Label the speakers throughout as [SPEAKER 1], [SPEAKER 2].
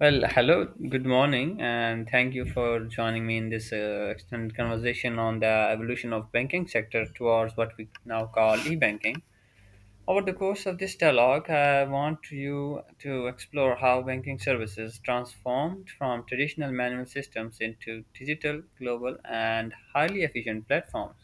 [SPEAKER 1] Well, hello, good morning, and thank you for joining me in this extended conversation on the evolution of banking sector towards what we now call e-banking. Over the course of this dialogue, I want you to explore how banking services transformed from traditional manual systems into digital, global, and highly efficient platforms.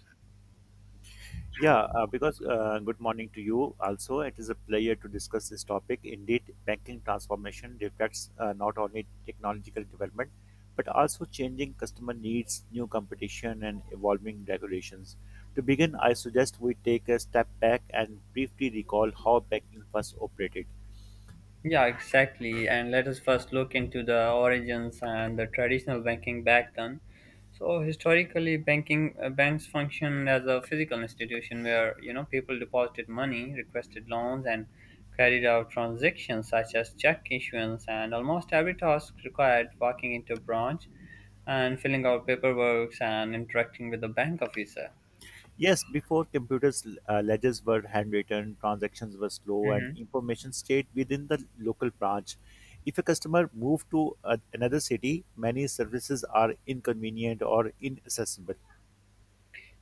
[SPEAKER 2] Yeah, because Good morning to you also. It is a pleasure to discuss this topic. Indeed, banking transformation reflects not only technological development, but also changing customer needs, new competition, and evolving regulations. To begin, I suggest we take a step back and briefly recall how banking first operated.
[SPEAKER 1] Yeah, exactly. And let us first look into the origins and the traditional banking back then. So historically, banking banks functioned as a physical institution where you know people deposited money, requested loans, and carried out transactions such as check issuance. And almost every task required walking into a branch and filling out paperwork and interacting with the bank officer.
[SPEAKER 2] Yes, before computers, ledgers were handwritten, transactions were slow, and
[SPEAKER 1] Mhm.
[SPEAKER 2] information stayed within the local branch. If a customer moved to another city, many services are inconvenient or inaccessible.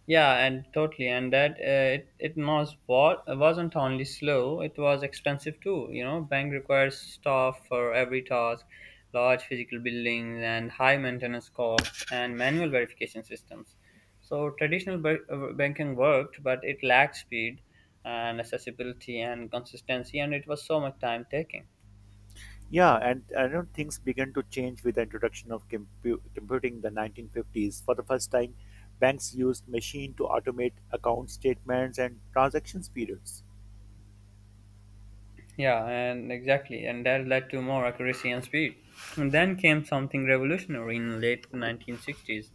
[SPEAKER 1] Yeah, and totally, and that it it was wa- wasn't only slow; it was expensive too. You know, bank requires staff for every task, large physical buildings, and high maintenance costs, and manual verification systems. So banking worked, but it lacked speed and accessibility and consistency, and it was so much time taking.
[SPEAKER 2] Yeah, and I know things began to change with the introduction of computing in the 1950s. For the first time, banks used machine to automate account statements and transactions periods.
[SPEAKER 1] Yeah, and exactly, and that led to more accuracy and speed. And then came something revolutionary in late 1960s,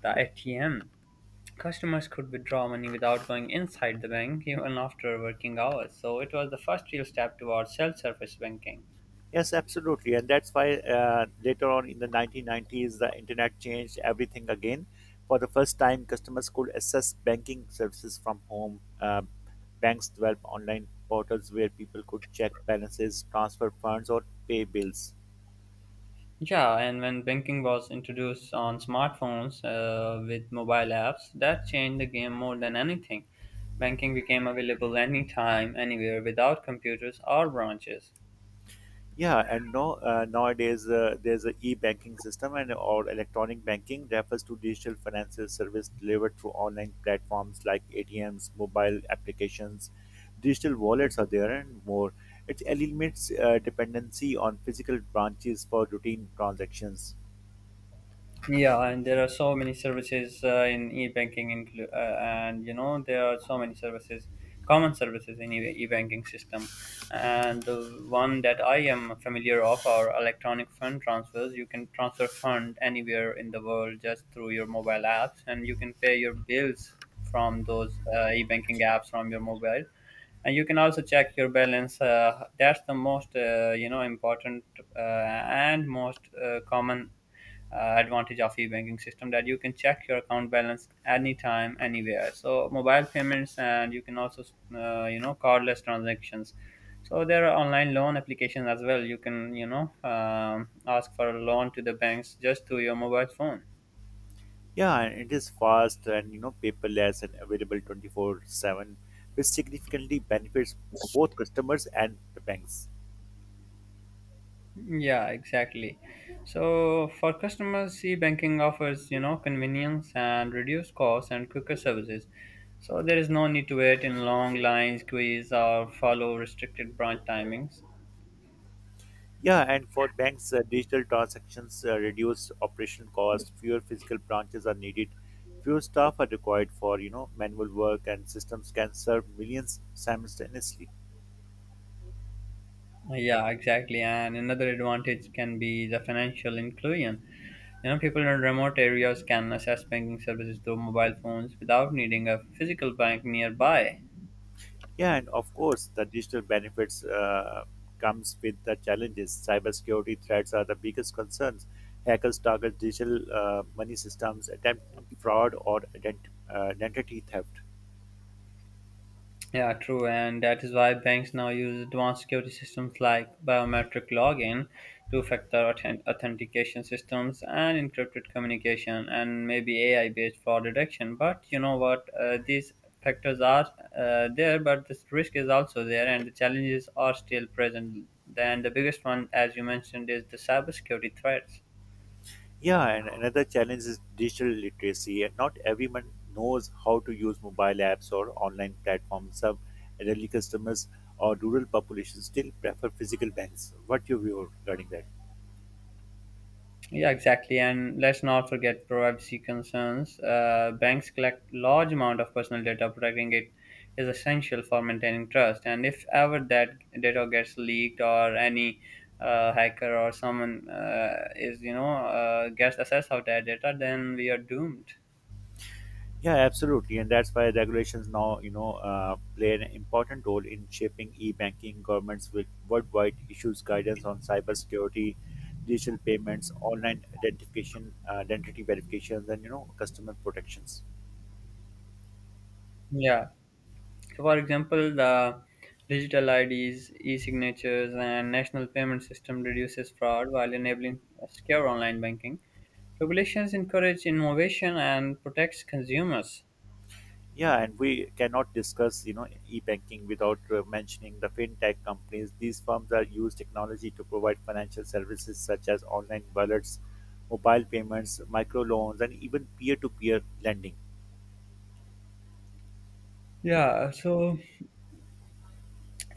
[SPEAKER 1] the ATM. Customers could withdraw money without going inside the bank even after working hours, so it was the first real step towards self-service banking.
[SPEAKER 2] Yes, absolutely. And that's why later on in the 1990s, the internet changed everything again. For the first time, customers could access banking services from home. Banks developed online portals where people could check balances, transfer funds, or pay bills.
[SPEAKER 1] Yeah, and when banking was introduced on smartphones with mobile apps, that changed the game more than anything. Banking became available anytime, anywhere, without computers or branches.
[SPEAKER 2] Yeah, and no, nowadays there's a e-banking system and or electronic banking refers to digital financial service delivered through online platforms like ATMs, mobile applications, digital wallets are there and more. It eliminates dependency on physical branches for routine transactions.
[SPEAKER 1] Yeah, and there are so many services and you know there are so many services, common services in e-banking system. And the one that I am familiar of are electronic fund transfers. You can transfer fund anywhere in the world just through your mobile apps, and you can pay your bills from those e-banking apps from your mobile. And you can also check your balance. That's the most, important and most common advantage of e-banking system, that you can check your account balance anytime anywhere. So mobile payments, and you can also cardless transactions. So there are online loan applications as well. You can ask for a loan to the banks just through your mobile phone.
[SPEAKER 2] Yeah, and it is fast and you know paperless and available 24/7, which significantly benefits both customers and the banks.
[SPEAKER 1] Yeah, exactly. So for customers, e-banking offers you know convenience and reduced costs and quicker services. So there is no need to wait in long lines queues or follow restricted branch timings.
[SPEAKER 2] Yeah, and for banks, digital transactions reduce operation costs. Fewer physical branches are needed. Fewer staff are required for you know manual work, and systems can serve millions simultaneously.
[SPEAKER 1] Yeah, exactly. And another advantage can be the financial inclusion. You know, people in remote areas can access banking services through mobile phones without needing a physical bank nearby.
[SPEAKER 2] Yeah, and of course, the digital benefits comes with the challenges. Cybersecurity threats are the biggest concerns. Hackers target digital money systems, attempting fraud or identity theft.
[SPEAKER 1] Yeah, true, and that is why banks now use advanced security systems like biometric login, authentication systems, and encrypted communication, and maybe AI-based fraud detection. But you know what? These factors are there, but this risk is also there, and the challenges are still present. Then the biggest one, as you mentioned, is the cybersecurity threats.
[SPEAKER 2] Yeah, and another challenge is digital literacy. And not everyone knows how to use mobile apps or online platforms. Some elderly customers or rural populations still prefer physical banks. What your view regarding that?
[SPEAKER 1] Yeah, exactly. And let's not forget privacy concerns. Banks collect large amount of personal data. Protecting it is essential for maintaining trust. And if ever that data gets leaked or any hacker or someone gets access of that data, then we are doomed.
[SPEAKER 2] Yeah, absolutely, and that's why regulations now, you know, play an important role in shaping e-banking. Governments with worldwide issues guidance on cybersecurity, digital payments, online identification, identity verifications, and you know, customer protections.
[SPEAKER 1] Yeah. So, for example, the digital IDs, e-signatures, and national payment system reduces fraud while enabling secure online banking. Regulations encourage innovation and protects consumers.
[SPEAKER 2] Yeah, and we cannot discuss, you know, e-banking without mentioning the fintech companies. These firms are use technology to provide financial services such as online wallets, mobile payments, microloans, and even peer-to-peer lending.
[SPEAKER 1] Yeah, so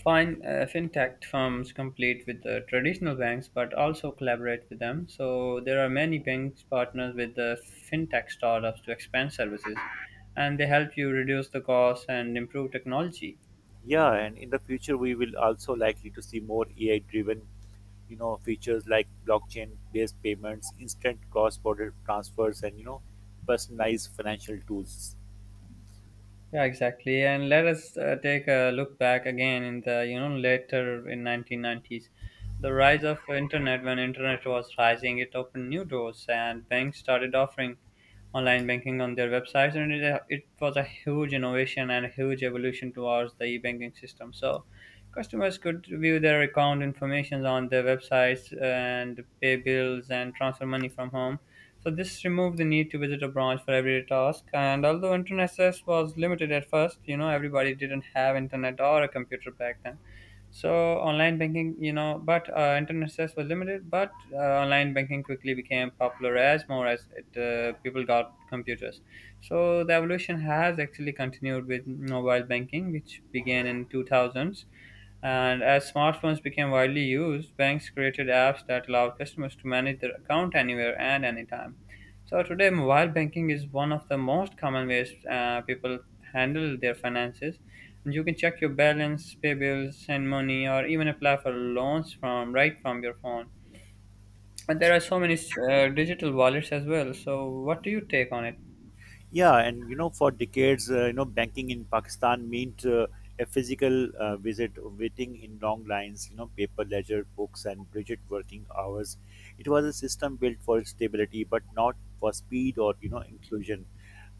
[SPEAKER 1] fintech firms compete with the traditional banks, but also collaborate with them. So there are many banks partners with the fintech startups to expand services, and they help you reduce the cost and improve technology.
[SPEAKER 2] Yeah, and in the future we will also likely to see more AI-driven, you know, features like blockchain-based payments, instant cross-border transfers, and you know, personalized financial tools.
[SPEAKER 1] Yeah, exactly. And let us take a look back again in the, you know, later in 1990s. The rise of internet, when internet was rising, it opened new doors and banks started offering online banking on their websites. And it was a huge innovation and a huge evolution towards the e-banking system. So customers could view their account information on their websites and pay bills and transfer money from home, so this removed the need to visit a branch for every task. And although internet access was limited at first, you know, everybody didn't have internet or a computer back then. So online banking, you know, but internet access was limited, but online banking quickly became popular as people got computers. So the evolution has actually continued with mobile banking, which began in 2000s, and as smartphones became widely used, banks created apps that allowed customers to manage their account anywhere and anytime. So today, mobile banking is one of the most common ways people handle their finances. And you can check your balance, pay bills, send money, or even apply for loans from right from your phone. And there are so many digital wallets as well. So, what do you take on it?
[SPEAKER 2] Yeah, and you know, for decades, you know, banking in Pakistan meant a physical visit, waiting in long lines, you know, paper ledger, books, and rigid working hours. It was a system built for stability, but not for speed or you know inclusion.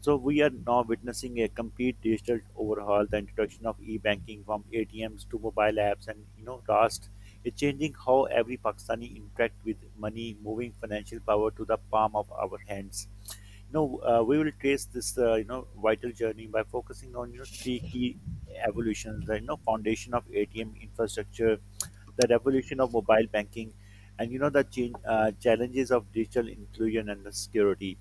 [SPEAKER 2] So we are now witnessing a complete digital overhaul, the introduction of e-banking from ATMs to mobile apps, and you know, Rust is changing how every Pakistani interact with money, moving financial power to the palm of our hands. No, we will trace this, you know, vital journey by focusing on, you know, three key evolutions, the, you know, foundation of ATM infrastructure, the revolution of mobile banking, and, you know, the challenges of digital inclusion and the security.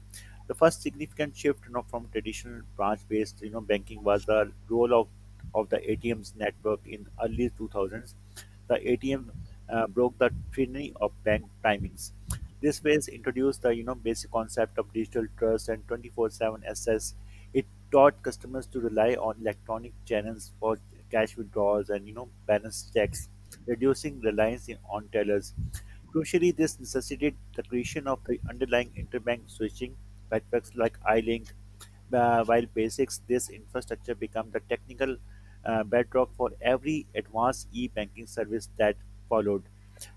[SPEAKER 2] The first significant shift, you know, from traditional branch-based, you know, banking was the role of the ATM's network in early 2000s. The ATM broke the trinity of bank timings. This phase introduced the you know basic concept of digital trust and 24/7 access. It taught customers to rely on electronic channels for cash withdrawals and you know balance checks, reducing reliance on tellers. Crucially, this necessitated the creation of the underlying interbank switching networks like iLink. While basics, this infrastructure became the technical bedrock for every advanced e-banking service that followed.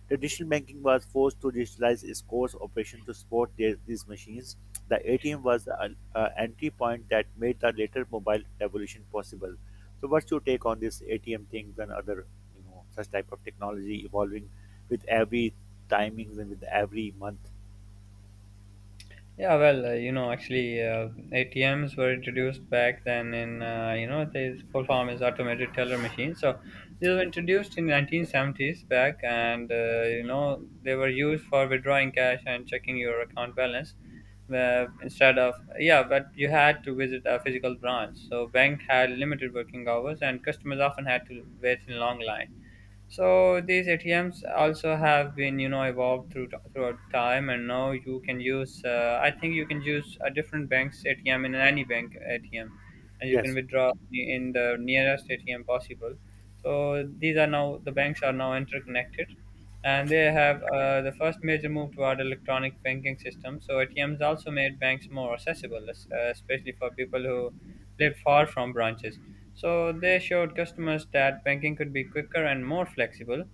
[SPEAKER 2] Traditional banking was forced to digitalize its core operation to support their, these machines. The ATM was the entry point that made the later mobile revolution possible. So, what's your take on this ATM things and other, you know, such type of technology evolving with every timings and with every month?
[SPEAKER 1] Yeah, well, ATMs were introduced back then in, the full form is automated teller machine. So these were introduced in 1970s back, and you know they were used for withdrawing cash and checking your account balance. Instead of yeah, but you had to visit a physical branch. So bank had limited working hours, and customers often had to wait in long lines. So these ATMs also have been, you know, evolved through throughout time, and now you can use. I think you can use a different bank's ATM in any bank ATM, and you can
[SPEAKER 2] Yes,
[SPEAKER 1] withdraw in the nearest ATM possible. So these are now the banks are now interconnected, and they have the first major move toward electronic banking system. So ATMs also made banks more accessible, especially for people who lived far from branches. So they showed customers that banking could be quicker and more flexible,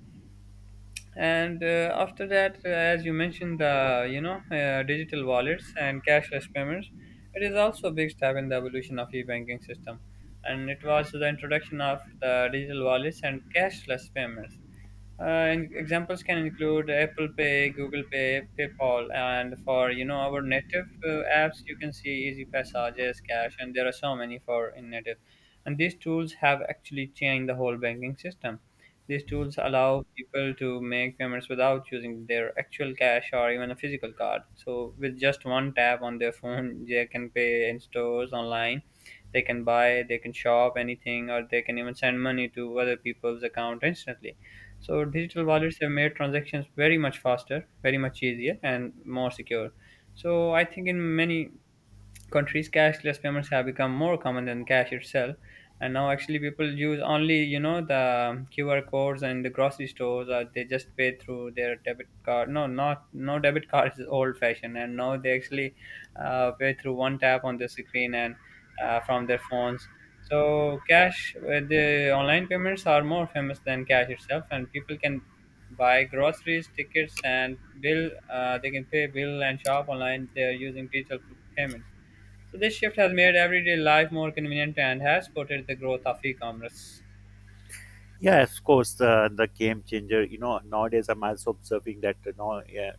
[SPEAKER 1] and after that, as you mentioned, the digital wallets and cashless payments, it is also a big step in the evolution of e-banking system. And it was the introduction of the digital wallets and cashless payments, and examples can include Apple Pay, Google Pay, PayPal, and for you know our native apps, you can see Easy Passages Cash, and there are so many for in native. And these tools have actually changed the whole banking system. These tools allow people to make payments without using their actual cash or even a physical card. So, with just one tap on their phone, they can pay in stores, online, they can buy, they can shop anything, or they can even send money to other people's account instantly. So, digital wallets have made transactions very much faster, very much easier, and more secure. So, I think in many countries, cashless payments have become more common than cash itself. And now actually people use only you know the QR codes and the grocery stores, or they just pay through their debit card. No, not, no debit card is old fashioned, and now they actually pay through one tap on the screen and from their phones. So cash the online payments are more famous than cash itself, and people can buy groceries, tickets, and bill they can pay bill and shop online. They are using digital payments. So this shift has made everyday life more convenient and has supported the growth of e-commerce.
[SPEAKER 2] yeah, of course, the game changer. You know, nowadays I'm also observing that now yeah,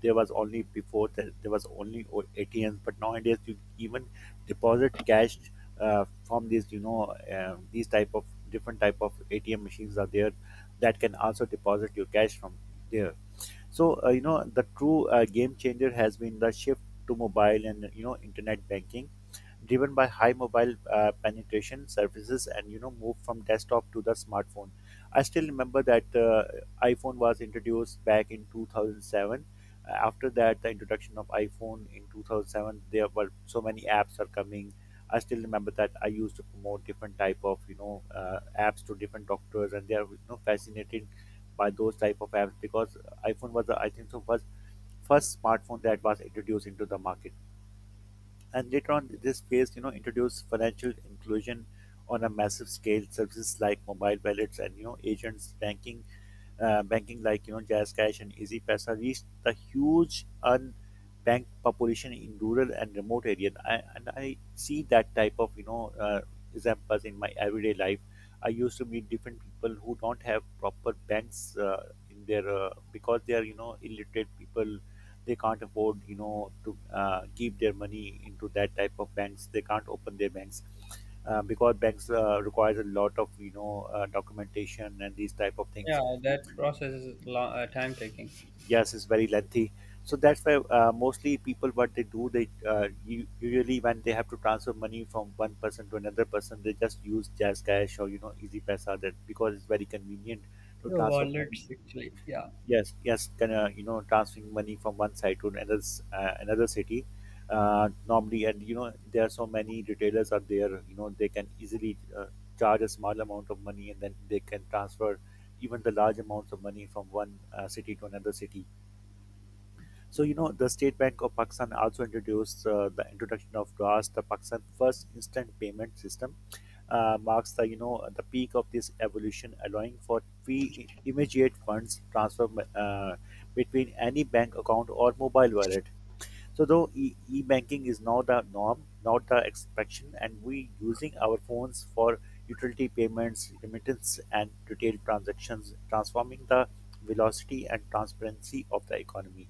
[SPEAKER 2] there was only before that there was only ATMs, but nowadays you even deposit cash from these, you know, these type of different type of ATM machines are there that can also deposit your cash from there. So you know the true game changer has been the shift to mobile and you know internet banking driven by high mobile penetration services and you know move from desktop to the smartphone. I still remember that iPhone was introduced back in 2007. After that the introduction of iPhone in 2007 there were so many apps are coming. I still remember that I used to promote different type of you know uh, apps to different doctors and they are you know fascinated by those type of apps because iPhone was the, I think so was first smartphone that was introduced into the market. And later on, this phase, you know, introduced financial inclusion on a massive scale, services like mobile wallets and you know agents, banking, like you know JazzCash and EasyPaisa reached the huge unbanked population in rural and remote areas. I see that type of you know examples in my everyday life. I used to meet different people who don't have proper banks in their because they are you know illiterate people. They can't afford you know to keep their money into that type of banks. They can't open their banks because banks requires a lot of you know documentation and these type of
[SPEAKER 1] Yeah,
[SPEAKER 2] things.
[SPEAKER 1] that process is long, time taking.
[SPEAKER 2] Yes it's very lengthy. So that's why mostly people what they do they usually when they have to transfer money from one person to another person they just use jazz cash or you know easy pesa that because it's very convenient to
[SPEAKER 1] Your
[SPEAKER 2] transfer money.
[SPEAKER 1] wallets actually, yeah.
[SPEAKER 2] Yes yes, kind of you know transferring money from one side to another another city normally and you know there are so many retailers are there you know they can easily charge a small amount of money and then they can transfer even the large amounts of money from one city to another city. So you know the State Bank of Pakistan also introduced the introduction of DRAS, the Pakistan's first instant payment system. Marks the you know the peak of this evolution, allowing for free immediate funds transfer uh, between any bank account or mobile wallet. So though e-banking is now the norm, not the exception, and we using our phones for utility payments, remittance, and retail transactions, transforming the velocity and transparency of the economy.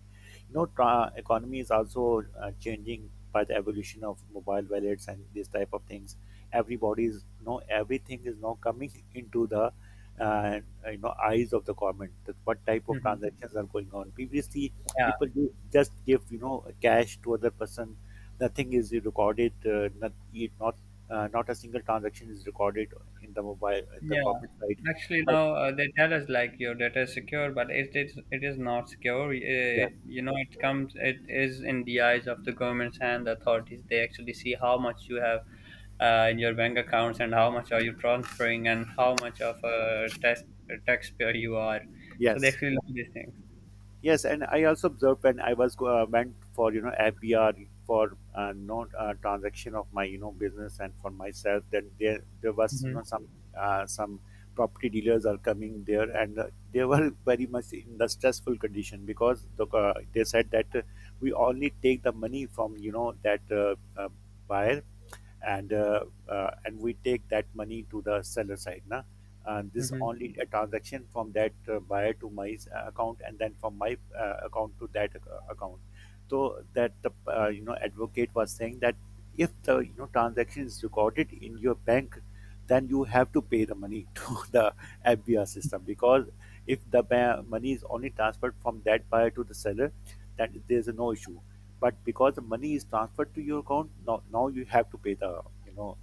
[SPEAKER 2] You know, economy is also changing by the evolution of mobile wallets and these type of things. Everybody is no everything is now coming into the uh, you know eyes of the government. That what type of
[SPEAKER 1] Hmm.
[SPEAKER 2] transactions are going on previously
[SPEAKER 1] Yeah,
[SPEAKER 2] people just give you know cash to other person. Nothing is recorded, not you- not not a single transaction is recorded in the mobile in the
[SPEAKER 1] yeah.
[SPEAKER 2] comment side
[SPEAKER 1] Actually,
[SPEAKER 2] but
[SPEAKER 1] now they tell us like your data is secure, but it is not secure. It
[SPEAKER 2] yes
[SPEAKER 1] you know it is in the eyes of the governments and the authorities. They actually see how much you have in your bank accounts, and how much are you transferring, and how much of a taxpayer you are. So they
[SPEAKER 2] yes.
[SPEAKER 1] actually know these things.
[SPEAKER 2] Yes, and I also observed when I was went for you know FBR for no transaction of my you know business and for myself, then there was you
[SPEAKER 1] Mhm,
[SPEAKER 2] know some property dealers are coming there and they were very much in the stressful condition because they said that we only take the money from you know that uh, buyer and we take that money to the seller side now. And this
[SPEAKER 1] mhm.
[SPEAKER 2] only a transaction from that buyer to my account and then from my account to that account. So that the you know advocate was saying that if the you know transaction is recorded in your bank then you have to pay the money to the FBR system because if the money is only transferred from that buyer to the seller, that there's no issue. But because the money is transferred to your account now, now you have to pay the you know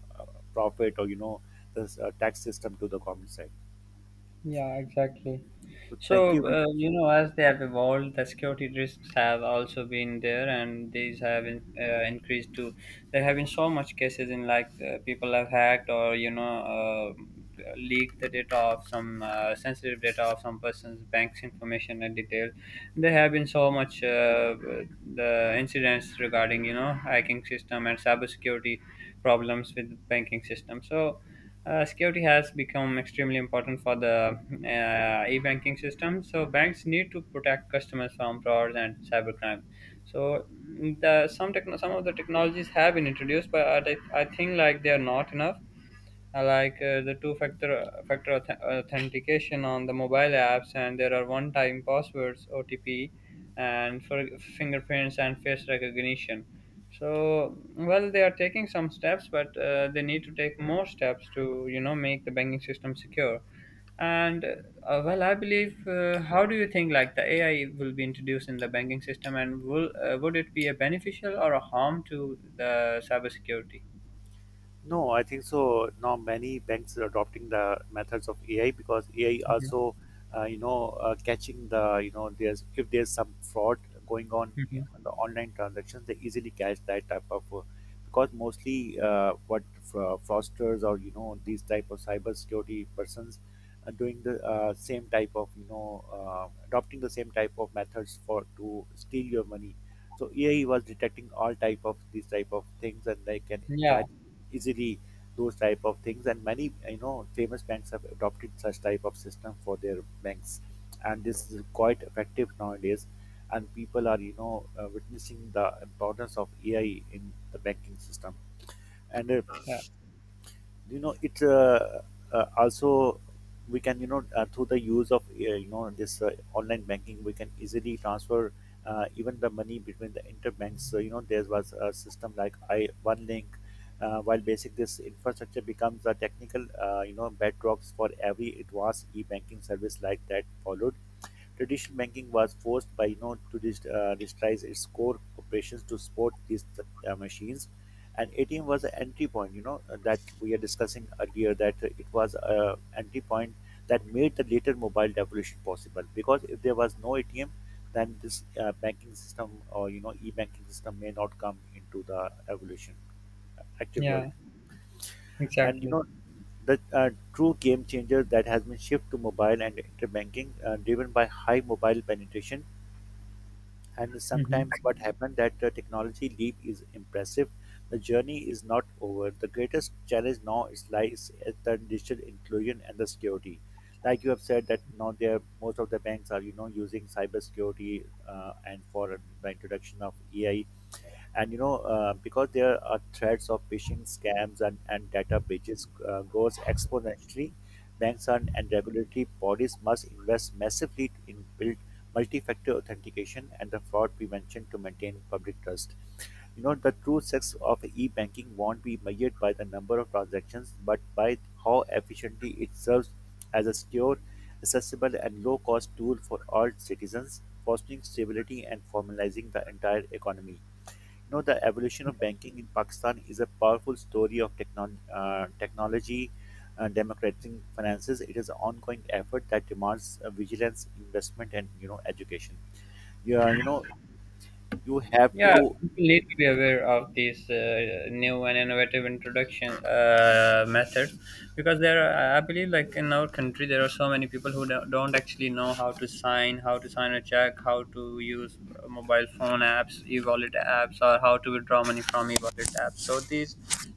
[SPEAKER 2] profit or you know the tax system to the government side.
[SPEAKER 1] Yeah, exactly.
[SPEAKER 2] So thank
[SPEAKER 1] So,
[SPEAKER 2] you.
[SPEAKER 1] you know, as they have evolved, the security risks have also been there, and these have increased too. There have been so much cases in like people have hacked or leaked the data of some sensitive data of some person's bank's information and detail. There have been so much the incidents regarding you know hacking system and cybersecurity problems with banking system. So security has become extremely important for the e-banking system. So banks need to protect customers from frauds and cybercrime. So some of the technologies have been introduced, but I think like they are not enough. Like the two-factor factor auth- authentication on the mobile apps, and there are one-time passwords (OTP) and for fingerprints and face recognition. So, well, they are taking some steps, but they need to take more steps to, you know, make the banking system secure. And well, I believe. How do you think like the AI will be introduced in the banking system, and will would it be a beneficial or a harm to the cybersecurity?
[SPEAKER 2] No, I think so. Now many banks are adopting the methods of AI because AI
[SPEAKER 1] Mm-hmm.
[SPEAKER 2] also, catching the you know there's if there's some fraud going on yeah, on the online transactions, they easily catch that type of because mostly what fraudsters or you know these type of cyber security persons are doing the same type of you know adopting the same type of methods for to steal your money. So AI was detecting all type of these type of things and they can
[SPEAKER 1] Yeah,
[SPEAKER 2] catch easily those type of things and many you know famous banks have adopted such type of system for their banks and this is quite effective nowadays and people are you know witnessing the importance of AI in the banking system and
[SPEAKER 1] yeah,
[SPEAKER 2] you know it's also we can you know through the use of you know this online banking we can easily transfer even the money between the interbanks. So you know there was a system like I one link. While basic this infrastructure becomes a technical you know bedrocks for every advanced e-banking service like that followed. Traditional banking was forced by you know to digitize its core operations to support these machines, and ATM was an entry point. You know that we are discussing earlier that it was an entry point that made the later mobile revolution possible. Because if there was no ATM, then this banking system or you know e-banking system may not come into the evolution actual world.
[SPEAKER 1] yeah,
[SPEAKER 2] And you
[SPEAKER 1] exactly.
[SPEAKER 2] know the true game changer that has been shift to mobile and interbanking driven by high mobile penetration and
[SPEAKER 1] Mhm.
[SPEAKER 2] sometimes what happened that the technology leap is impressive. The journey is not over. The greatest challenge now is lies at the digital inclusion and the security, like you have said that now there most of the banks are you know using cybersecurity and for the introduction of ai, and you know because there are threats of phishing scams and data breaches grows exponentially. Banks and regulatory bodies must invest massively in build multi-factor authentication and the fraud prevention to maintain public trust. You know the true success of e-banking won't be measured by the number of transactions but by how efficiently it serves as a secure, accessible and low-cost tool for all citizens, fostering stability and formalizing the entire economy. You know the evolution of banking in Pakistan is a powerful story of technology democratizing finances. It is an ongoing effort that demands vigilance, investment and you know education. Yeah you know you have to.
[SPEAKER 1] Yeah, people need to be aware of these new and innovative introduction methods, because there are, I believe, like in our country, there are so many people who don't actually know how to sign a check, how to use mobile phone apps, e-wallet apps, or how to withdraw money from e-wallet apps. So these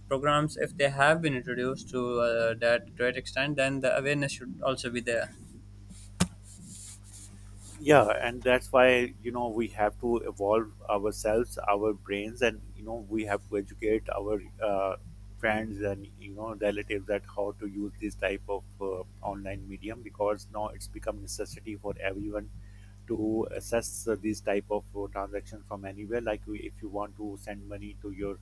[SPEAKER 1] programs, if they have been introduced to that great extent, then the awareness should also be there.
[SPEAKER 2] Yeah and that's why you know we have to evolve ourselves our brains and you know we have to educate our friends and you know relatives that how to use this type of online medium because now it's become necessity for everyone to assess these type of transactions from anywhere. Like if you want to send money to your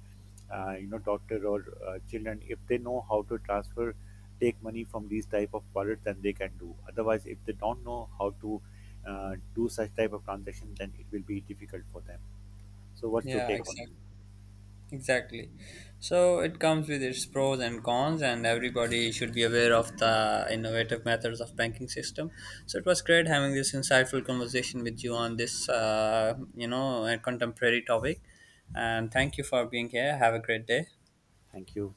[SPEAKER 2] you know doctor or children, if they know how to transfer take money from these type of wallets then they can do. Otherwise if they don't know how to uh, do such type of transaction then it will be difficult for them. So what's your
[SPEAKER 1] Yeah,
[SPEAKER 2] take on
[SPEAKER 1] exactly.
[SPEAKER 2] it?
[SPEAKER 1] Exactly. So it comes with its pros and cons, and everybody should be aware of the innovative methods of banking system. So it was great having this insightful conversation with you on this, a contemporary topic. And thank you for being here. Have a great day.
[SPEAKER 2] Thank you.